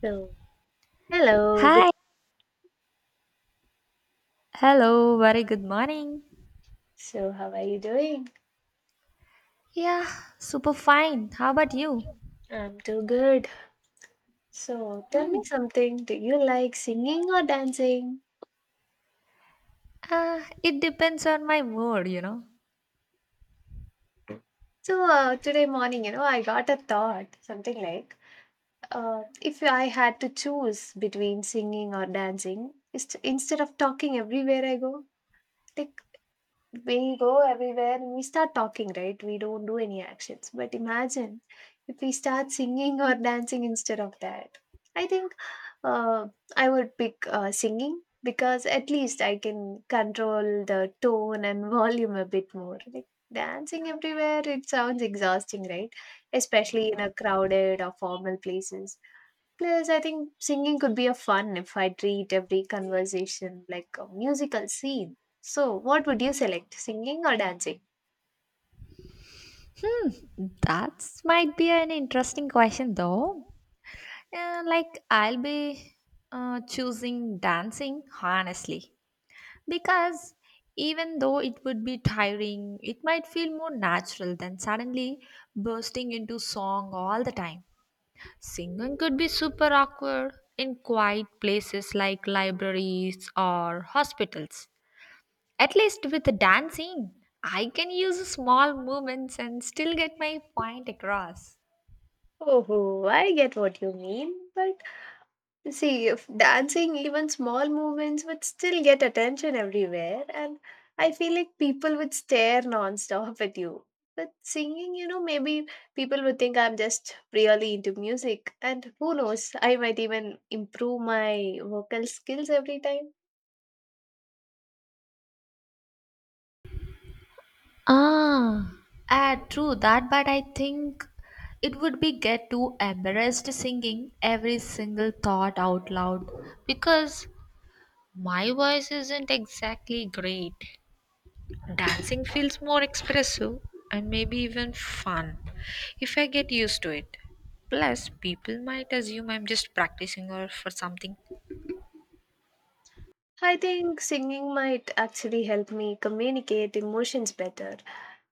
So, hello. Good. Hi. Hello. Very good morning. So, how are you doing? Yeah, super fine. How about you? I'm too good. So, tell Hmm. me something. Do you like singing or dancing? It depends on my mood. So, today morning, I got a thought, something like, if I had to choose between singing or dancing, instead of talking everywhere I go, like we go everywhere and we start talking, right? We don't do any actions. But imagine if we start singing or dancing instead of that. I think uh, I would pick singing because at least I can control the tone and volume a bit more. Like dancing everywhere, it sounds exhausting, right? Especially in a crowded or formal places. Plus, I think singing could be a fun if I treat every conversation like a musical scene. So, what would you select, singing or dancing? Hmm. That might be an interesting question, though. Like, I'll be choosing dancing, honestly, because even though it would be tiring, it might feel more natural than suddenly bursting into song all the time. Singing could be super awkward in quiet places like libraries or hospitals. At least with the dancing, I can use small movements and still get my point across. Oh, I get what you mean, but see, if dancing, even small movements would still get attention everywhere, and I feel like people would stare non-stop at you. But singing, you know, maybe people would think I'm just really into music, and who knows, I might even improve my vocal skills every time. Ah, ah, true that, but I think it would be get too embarrassed singing every single thought out loud. Because my voice isn't exactly great. Dancing feels more expressive and maybe even fun if I get used to it. Plus, people might assume I'm just practicing or for something. I think singing might actually help me communicate emotions better.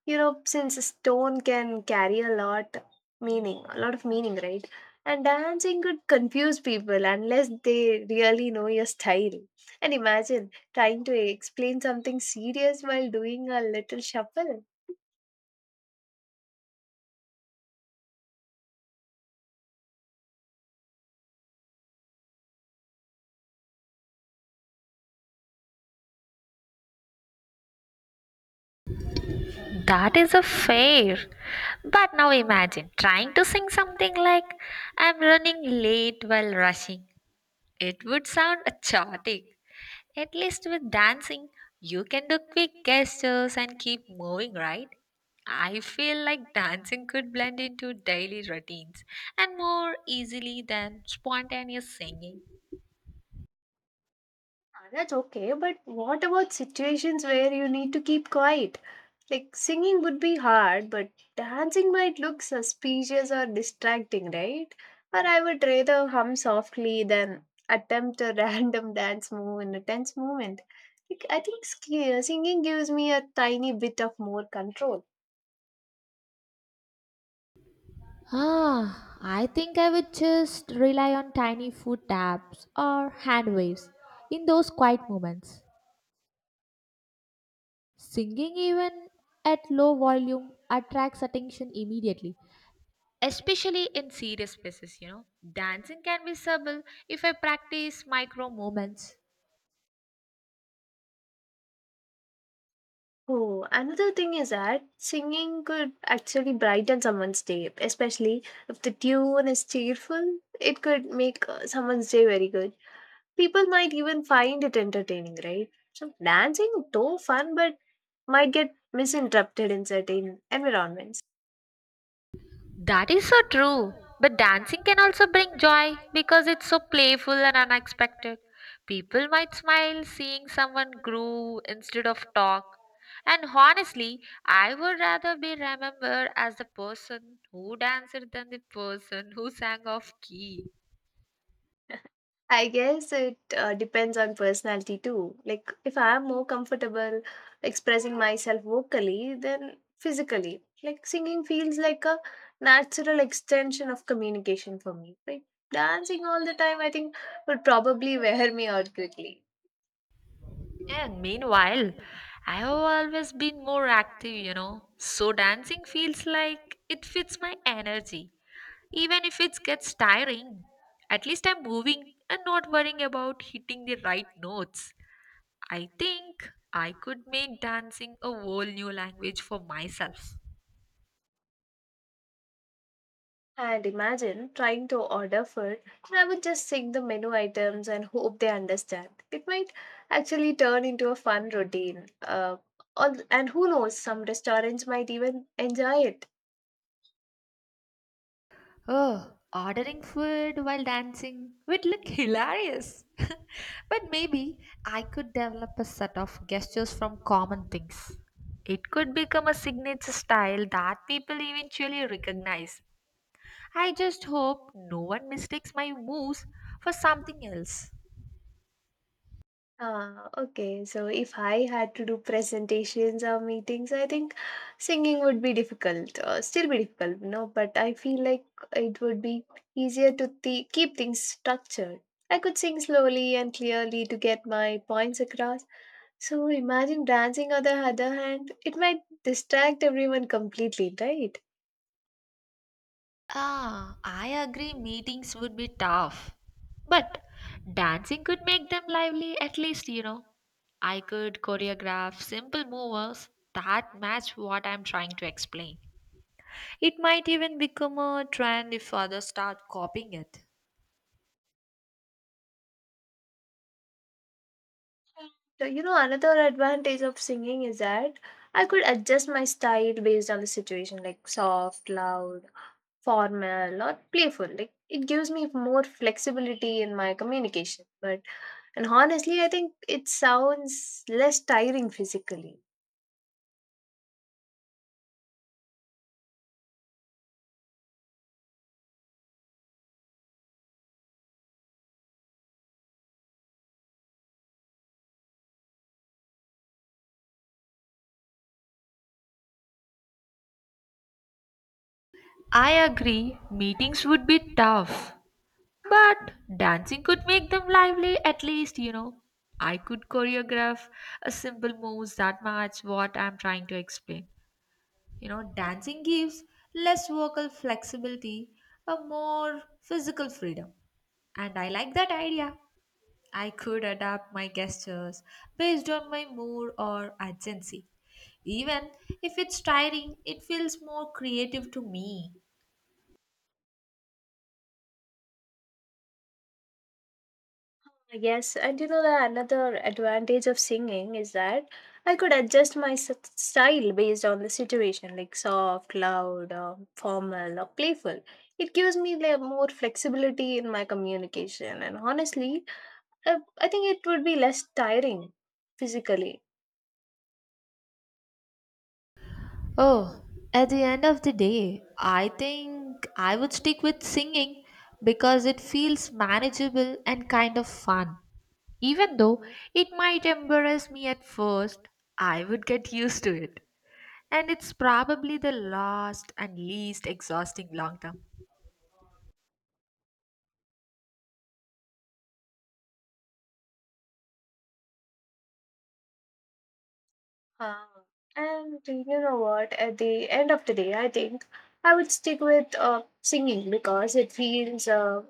You know, since a tone can carry a lot of meaning, right? And dancing could confuse people unless they really know your style. And imagine trying to explain something serious while doing a little shuffle. That is a fair. But now imagine trying to sing something like I'm running late while rushing. It would sound chaotic. At least with dancing, you can do quick gestures and keep moving, right? I feel like dancing could blend into daily routines and more easily than spontaneous singing. Ah, that's okay, but what about situations where you need to keep quiet? Like singing would be hard, but dancing might look suspicious or distracting, right? Or I would rather hum softly than attempt a random dance move in a tense moment. Like, I think singing gives me a tiny bit of more control. Ah, I think I would just rely on tiny foot taps or hand waves in those quiet moments. Singing, even at low volume, attracts attention immediately, especially in serious spaces. Dancing can be subtle if I practice micro movements. Oh, another thing is that singing could actually brighten someone's day, especially if the tune is cheerful. It could make someone's day very good. People might even find it entertaining, right? So dancing, though fun, but might get misinterpreted in certain environments. That is so true, but dancing can also bring joy because it's so playful and unexpected. People might smile seeing someone groove instead of talk, and honestly, I would rather be remembered as the person who danced than the person who sang off key. I guess it depends on personality too. Like, if I'm more comfortable expressing myself vocally than physically, like singing feels like a natural extension of communication for me. Like, dancing all the time, I think, would probably wear me out quickly. And meanwhile, I have always been more active, you know. So dancing feels like it fits my energy. Even if it gets tiring, at least I'm moving and not worrying about hitting the right notes. I think I could make dancing a whole new language for myself. And imagine trying to order food, and I would just sing the menu items and hope they understand. It might actually turn into a fun routine. All, and who knows, some restaurants might even enjoy it. Oh, ordering food while dancing would look hilarious. But maybe I could develop a set of gestures from common things. It could become a signature style that people eventually recognize. I just hope no one mistakes my moves for something else. Ah, okay. So if I had to do presentations or meetings, I think singing would be difficult. Still be difficult, you know. But I feel like it would be easier to keep things structured. I could sing slowly and clearly to get my points across. So imagine dancing on the other hand, it might distract everyone completely, right? Ah, I agree meetings would be tough. But dancing could make them lively at least, you know. I could choreograph simple movers that match what I'm trying to explain. It might even become a trend if others start copying it. So, you know, another advantage of singing is that I could adjust my style based on the situation, like soft, loud formal or playful. Like it gives me more flexibility in my communication, but and honestly, I think it sounds less tiring physically. I agree meetings would be tough. But dancing could make them lively at least, you know. I could choreograph a simple moves that match what I'm trying to explain. You know, dancing gives less vocal flexibility, a more physical freedom. And I like that idea. I could adapt my gestures based on my mood or urgency. Even if it's tiring, it feels more creative to me. Yes, and you know, the another advantage of singing is that I could adjust my style based on the situation, like soft, loud or formal or playful. It gives me like more flexibility in my communication, and honestly, i, I think it would be less tiring physically. Oh, at the end of the day, I think I would stick with singing because it feels manageable and kind of fun. Even though it might embarrass me at first, I would get used to it. And it's probably the last and least exhausting long term. Uh, and you know what? At the end of the day, I think I would stick with singing because it feels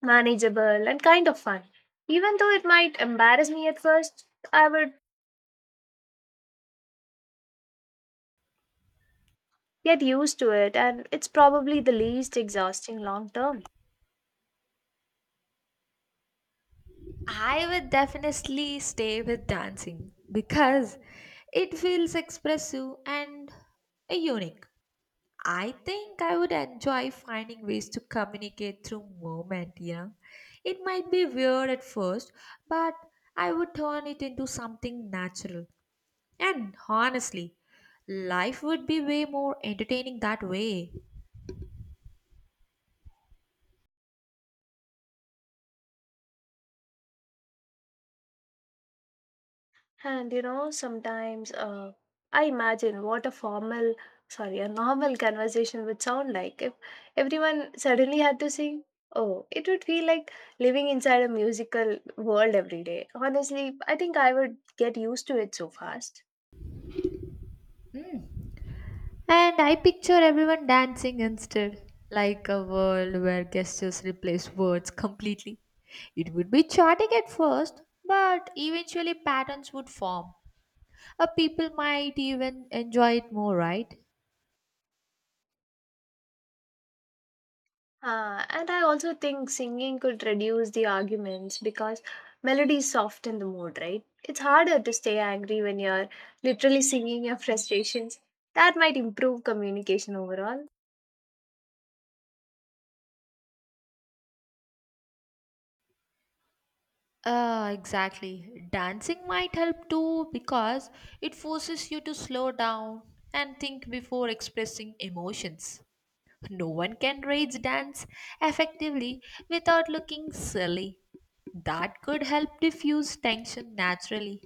manageable and kind of fun. Even though it might embarrass me at first, I would get used to it, and it's probably the least exhausting long term. I would definitely stay with dancing because it feels expressive and unique. I think I would enjoy finding ways to communicate through movement, you know. It might be weird at first, but I would turn it into something natural. And honestly, life would be way more entertaining that way. And you know, sometimes I imagine what a formal, sorry, a normal conversation would sound like if everyone suddenly had to sing. Oh, it would feel like living inside a musical world every day. Honestly, I think I would get used to it so fast. Mm. And I picture everyone dancing instead, like a world where gestures replace words completely. It would be chaotic at first, but eventually patterns would form. People might even enjoy it more, right? And I also think singing could reduce the arguments because melodies soften the mood, right? It's harder to stay angry when you're literally singing your frustrations. That might improve communication overall. Exactly. Dancing might help too because it forces you to slow down and think before expressing emotions. No one can rage dance effectively without looking silly. That could help diffuse tension naturally.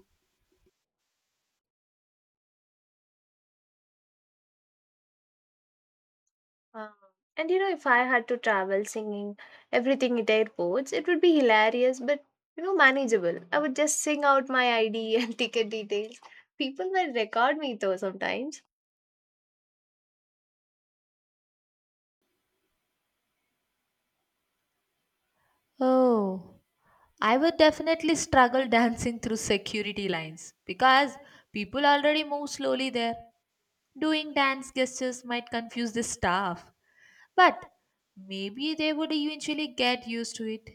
Um, and you know, if I had to travel singing everything at airports, it would be hilarious, but you know, manageable. I would just sing out my ID and ticket details. People will record me though sometimes. Oh, I would definitely struggle dancing through security lines because people already move slowly there. Doing dance gestures might confuse the staff, but maybe they would eventually get used to it.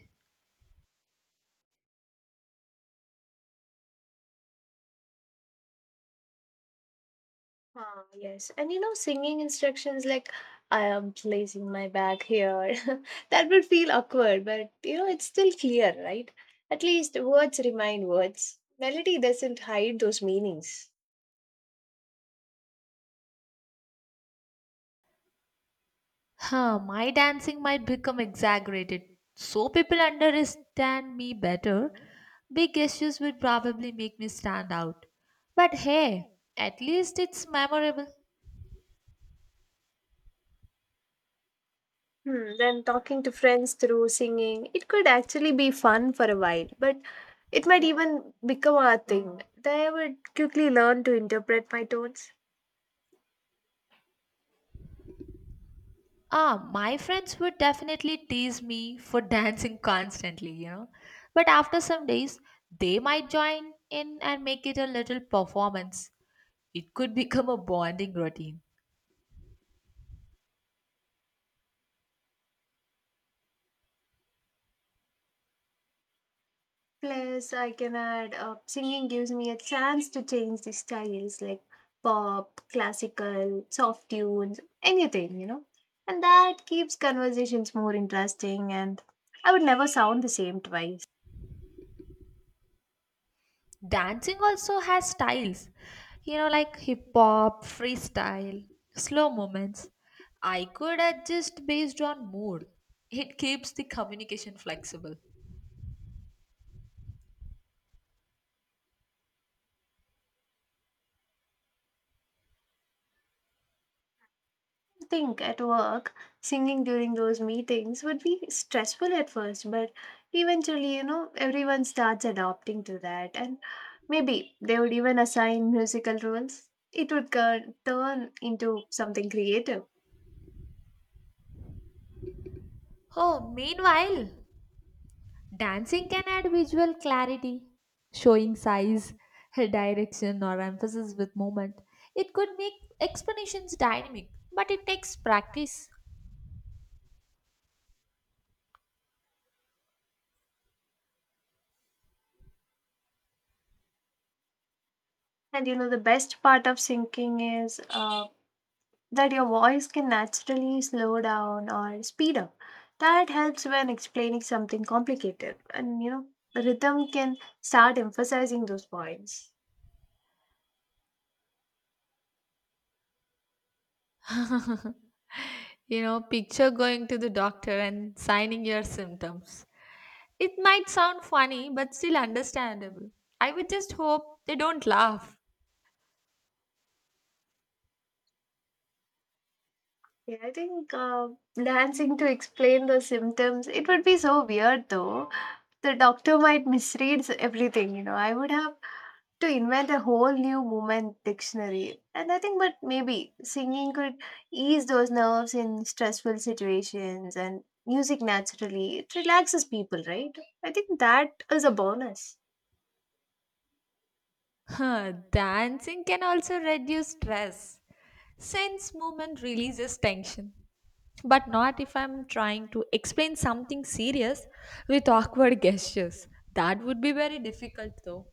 Ah, yes. And you know, singing instructions like I am placing my bag here. That would feel awkward, but you know, it's still clear, right? At least words remain words. Melody doesn't hide those meanings. Huh, my dancing might become exaggerated, so people understand me better. Big gestures would probably make me stand out. But hey, at least it's memorable. Then talking to friends through singing, it could actually be fun for a while, but it might even become a thing. They would quickly learn to interpret my tones. Ah, my friends would definitely tease me for dancing constantly, you know. But after some days, they might join in and make it a little performance. It could become a bonding routine. Plus, I can add singing gives me a chance to change the styles like pop, classical, soft tunes, anything, you know. And that keeps conversations more interesting, and I would never sound the same twice. Dancing also has styles, you know, like hip hop, freestyle, slow movements. I could adjust based on mood. It keeps the communication flexible. Think at work, singing during those meetings would be stressful at first, but eventually, you know, everyone starts adopting to that. And maybe they would even assign musical rules. It would turn into something creative. Oh, meanwhile, dancing can add visual clarity, showing size, direction, or emphasis with movement. It could make explanations dynamic, but it takes practice. And you know, the best part of singing is that your voice can naturally slow down or speed up. That helps when explaining something complicated. And you know, the rhythm can start emphasizing those points. You know, picture going to the doctor and signing your symptoms. It might sound funny, but still understandable. I would just hope they don't laugh. Yeah, I think dancing to explain the symptoms, it would be so weird though. The doctor might misread everything, you know. I would have to invent a whole new movement dictionary. And I think, but maybe singing could ease those nerves in stressful situations and music naturally. It relaxes people, right? I think that is a bonus. Huh, dancing can also reduce stress, since movement releases tension. But not if I'm trying to explain something serious with awkward gestures. That would be very difficult though.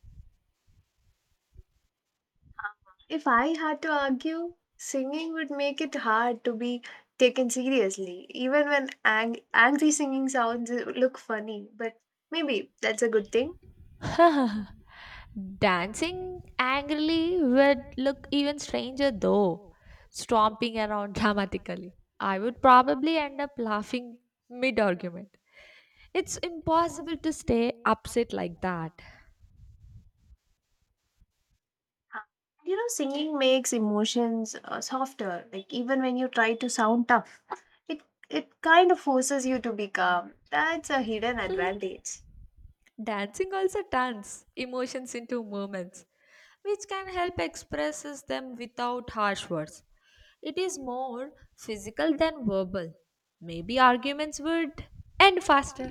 If I had to argue, singing would make it hard to be taken seriously, even when angry singing sounds look funny. But maybe that's a good thing. Dancing angrily would look even stranger though, stomping around dramatically. I would probably end up laughing mid argument. It's impossible to stay upset like that. Huh. You know, singing makes emotions softer. Like even when you try to sound tough, it it kind of forces you to be calm. That's a hidden advantage. Dancing also turns emotions into movements, which can help expresses them without harsh words. It is more physical than verbal. Maybe arguments would end faster.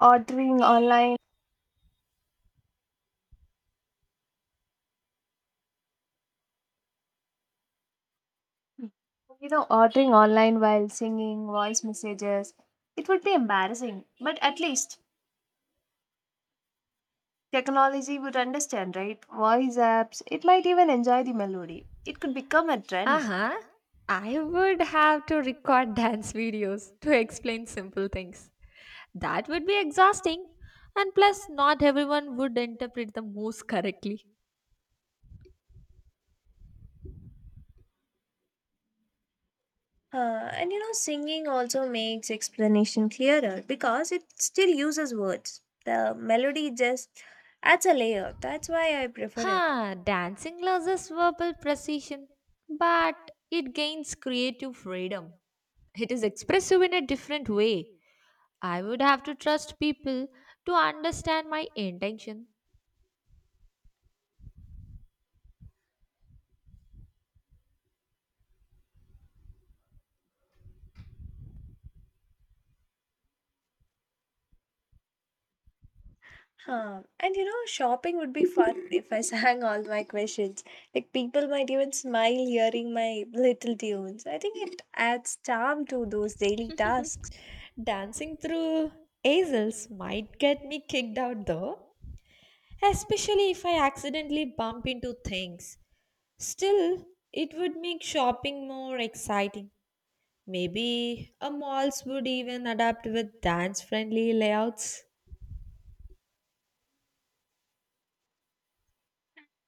Ordering online, ordering online while singing voice messages, it would be embarrassing. But at least technology would understand, right? Voice apps, it might even enjoy the melody. It could become a trend. Uh-huh. I would have to record dance videos to explain simple things. That would be exhausting. And plus, not everyone would interpret the moves correctly. And you know, singing also makes explanation clearer because it still uses words. The melody just adds a layer. That's why I prefer it. Huh, dancing loses verbal precision, but it gains creative freedom. It is expressive in a different way. I would have to trust people to understand my intention. Huh. And you know, shopping would be fun if I sang all my questions. Like, people might even smile hearing my little tunes. I think it adds charm to those daily tasks. Dancing through aisles might get me kicked out though, especially if I accidentally bump into things. Still, it would make shopping more exciting. Maybe a malls would even adapt with dance friendly layouts.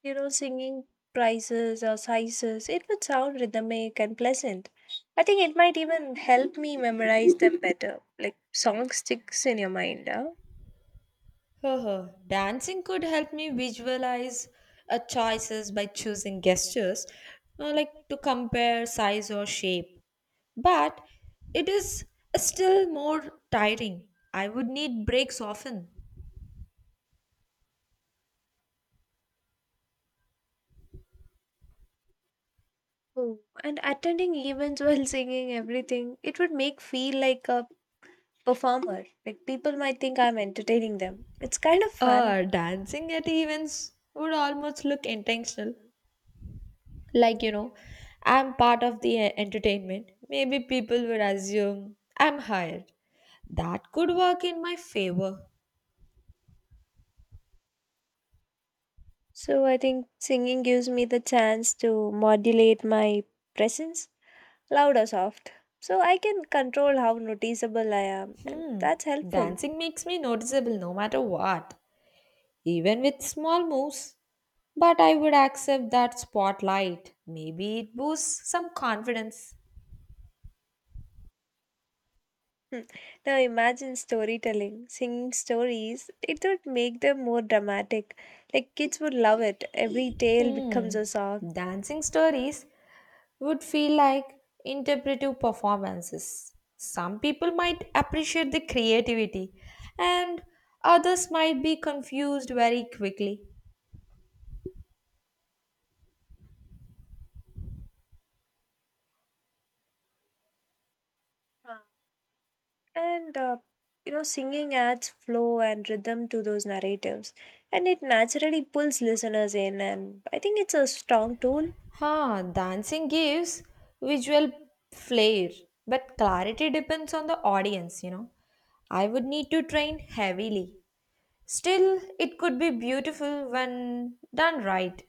You know, singing prices or sizes, it would sound rhythmic and pleasant. I think it might even help me memorize them better. Like, song sticks in your mind, huh? Haha, dancing could help me visualize choices by choosing gestures, like to compare size or shape. But it is still more tiring. I would need breaks often. Oh, and attending events while singing everything, it would make feel like a performer. Like people might think I'm entertaining them. It's kind of fun. Dancing at events would almost look intentional. Like, you know, I'm part of the entertainment. Maybe people would assume I'm hired. That could work in my favor. So I think singing gives me the chance to modulate my presence, loud or soft. So I can control how noticeable I am, and Hmm. that's helpful. Dancing makes me noticeable no matter what, even with small moves. But I would accept that spotlight. Maybe it boosts some confidence. Hmm. Now imagine storytelling, singing stories. It would make them more dramatic. Like kids would love it. Every tale Hmm. becomes a song. Dancing stories would feel like interpretive performances. Some people might appreciate the creativity, and others might be confused very quickly. Huh. And you know, singing adds flow and rhythm to those narratives, and it naturally pulls listeners in. And I think it's a strong tool. Ha, dancing gives visual flair, but clarity depends on the audience, you know. I would need to train heavily. Still, it could be beautiful when done right.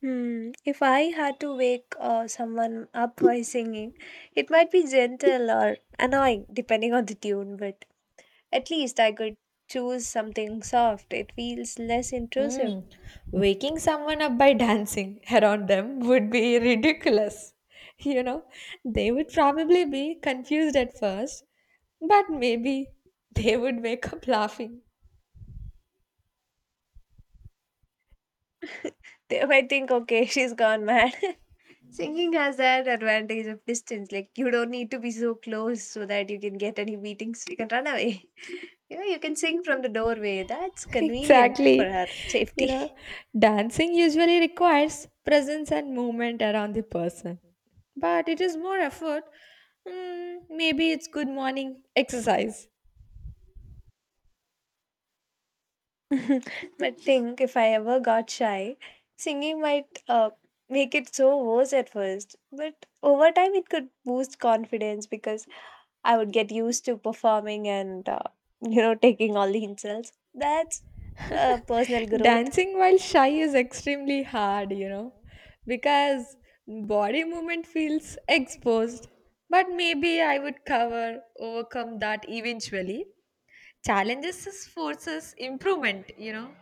Hmm. If I had to wake someone up by singing, it might be gentle or annoying, depending on the tune, but. At least I could choose something soft. It feels less intrusive. Hmm. Waking someone up by dancing around them would be ridiculous. You know, they would probably be confused at first, but maybe they would wake up laughing. They might think, okay, she's gone mad. Singing has that advantage of distance. Like, you don't need to be so close so that you can get any beatings. You can run away. You know, you can sing from the doorway. That's convenient for Exactly. her You safety. know, dancing usually requires presence and movement around the person, but it is more effort. Mm, maybe it's good morning exercise. But think if I ever got shy, singing might make it so worse at first. But over time, it could boost confidence because I would get used to performing and you know taking all the insults. That's personal growth. Dancing while shy is extremely hard, you know, because body movement feels exposed. But maybe I would cover, overcome that eventually. Challenges is forces improvement, you know.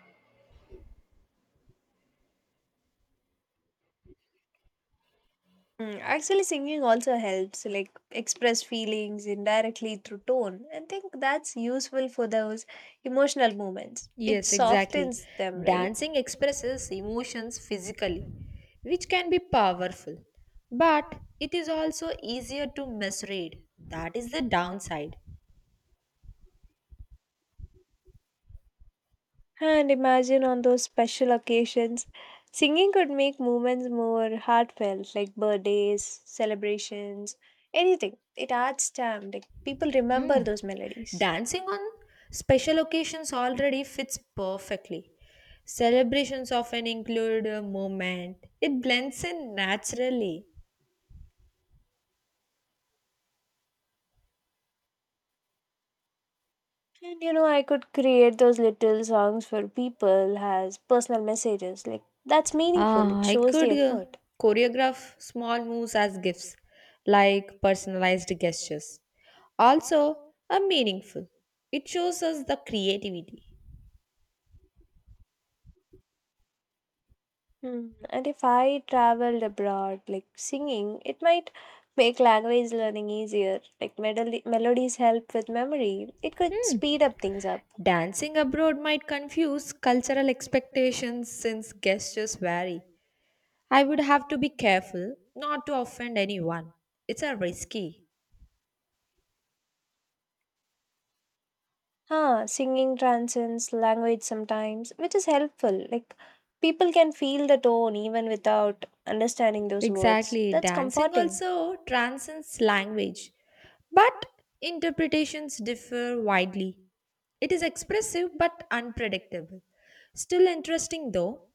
Actually, singing also helps, like express feelings indirectly through tone. I think that's useful for those emotional moments. It Yes, exactly. softens them, right? Dancing expresses emotions physically, which can be powerful, but it is also easier to misread. That is the downside. And imagine on those special occasions, singing could make moments more heartfelt, like birthdays, celebrations, anything. It adds time. Like people Hmm. remember those melodies. Dancing on special occasions already fits perfectly. Celebrations often include a moment, it blends in naturally. And you know, I could create those little songs for people as personal messages. Like, that's meaningful. Ah, It I shows the could effort. choreograph small moves as gifts, like personalized gestures. Also, are meaningful. It shows us the creativity. Hmm. And if I traveled abroad, like singing, it might make language learning easier. Like, melodies help with memory. It could Hmm. speed up things up. Dancing abroad might confuse cultural expectations since gestures vary. I would have to be careful not to offend anyone. It's a risky. Singing transcends language sometimes, which is helpful. Like, people can feel the tone even without understanding those words. Exactly. That's Dancing comforting. also transcends language, but interpretations differ widely. It is expressive but unpredictable. Still interesting though.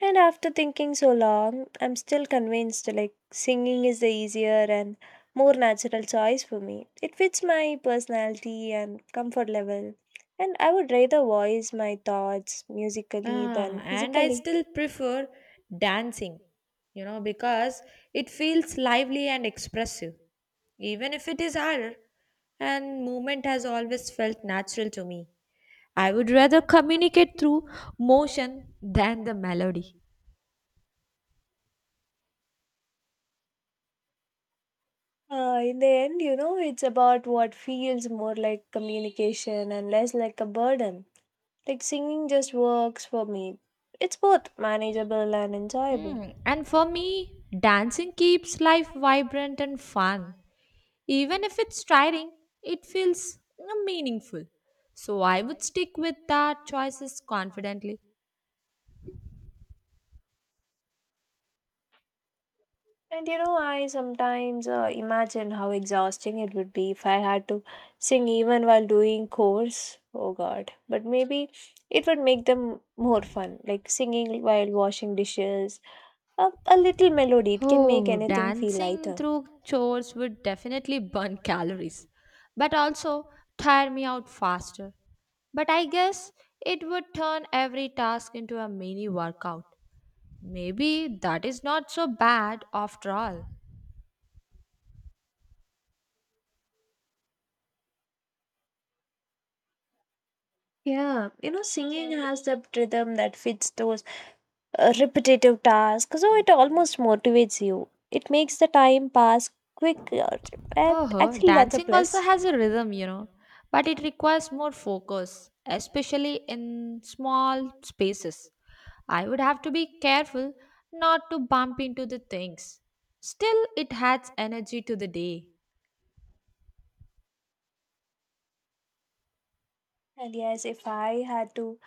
And after thinking so long, I'm still convinced like singing is the easier and more natural choice for me. It fits my personality and comfort level. And I would rather voice my thoughts musically Ah, than and I physically. still prefer dancing, you know, because it feels lively and expressive, even if it is harder. And movement has always felt natural to me. I would rather communicate through motion than the melody. In the end, you know, it's about what feels more like communication and less like a burden. Like singing just works for me. It's both manageable and enjoyable. Mm, and for me, dancing keeps life vibrant and fun. Even if it's tiring, it feels you know, meaningful. So I would stick with that choices confidently. And you know, I sometimes imagine how exhausting it would be if I had to sing even while doing chores. Oh God. But maybe it would make them more fun, like singing while washing dishes. A little melody, it can make Oh, anything feel dancing lighter. through chores would definitely burn calories, but also tire me out faster. But I guess it would turn every task into a mini workout. Maybe that is not so bad after all. Yeah, you know, singing has that rhythm that fits those repetitive tasks, so it almost motivates you. It makes the time pass quicker. And Oh, actually, that's a dancing also plus. has a rhythm, you know, but it requires more focus, especially in small spaces. I would have to be careful not to bump into the things. Still, it adds energy to the day. And yes, if I had to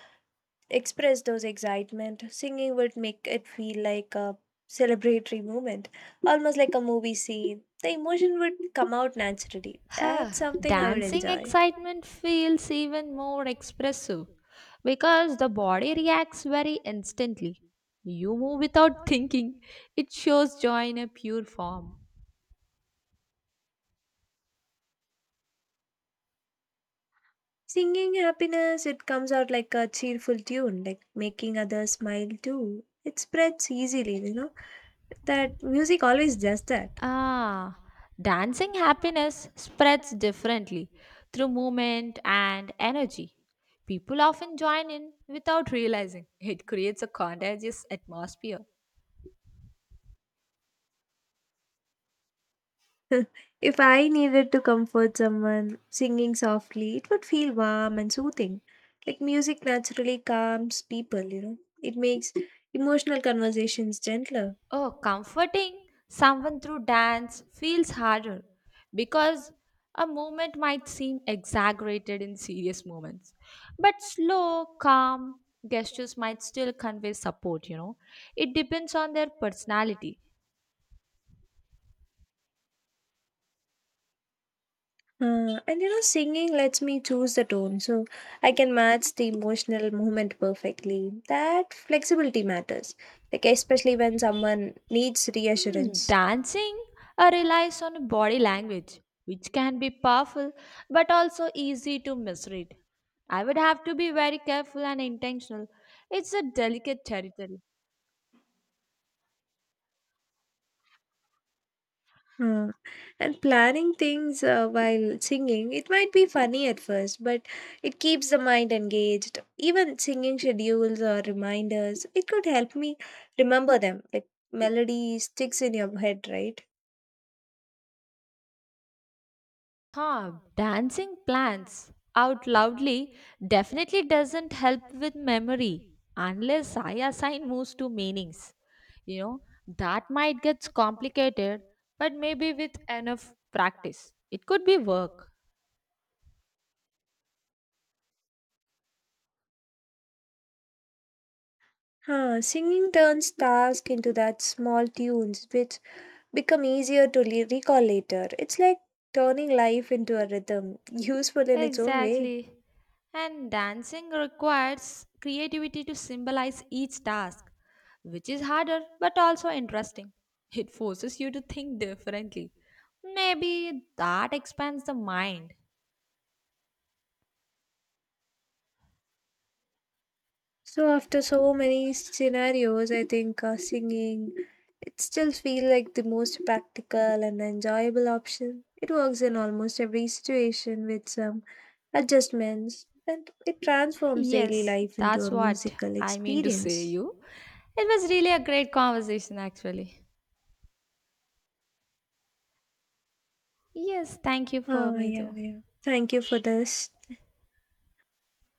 express those excitement. Singing would make it feel like a celebratory moment, almost like a movie scene. The emotion would come out naturally. Huh, That's something I would dancing enjoy. excitement feels even more expressive because the body reacts very instantly. You move without thinking, it shows joy in a pure form. Singing happiness, it comes out like a cheerful tune, like making others smile too. It spreads easily, you know. That music always does that. Ah, dancing happiness spreads differently through movement and energy. People often join in without realizing it creates a contagious atmosphere. If I needed to comfort someone, singing softly, it would feel warm and soothing. Like music naturally calms people, you know. It makes emotional conversations gentler. Oh, comforting someone through dance feels harder because a movement might seem exaggerated in serious moments. But slow, calm gestures might still convey support, you know. It depends on their personality. And you know, singing lets me choose the tone, so I can match the emotional movement perfectly. That flexibility matters, like especially when someone needs Hmm, reassurance. dancing relies on body language, which can be powerful but also easy to misread. I would have to be very careful and intentional. It's a delicate territory. Uh, and planning things while singing, it might be funny at first, but it keeps the mind engaged. Even singing schedules or reminders, it could help me remember them. Like melody sticks in your head, right? Huh, dancing plants out loudly definitely doesn't help with memory unless I assign moves to meanings. You know, that might get complicated, but maybe with enough practice, it could be work. Singing turns task into that small tunes, which become easier to recall later. It's like turning life into a rhythm, useful in its own way. Exactly. And dancing requires creativity to symbolize each task, which is harder but also interesting. It forces you to think differently. Maybe that expands the mind. So after so many scenarios, I think singing it still feels like the most practical and enjoyable option. It works in almost every situation with some adjustments, and it transforms daily Yes, life into that's a what musical I mean to say experience. you. It was really a great conversation actually. Yes, thank you for Oh me yeah, too. yeah. Thank you for this.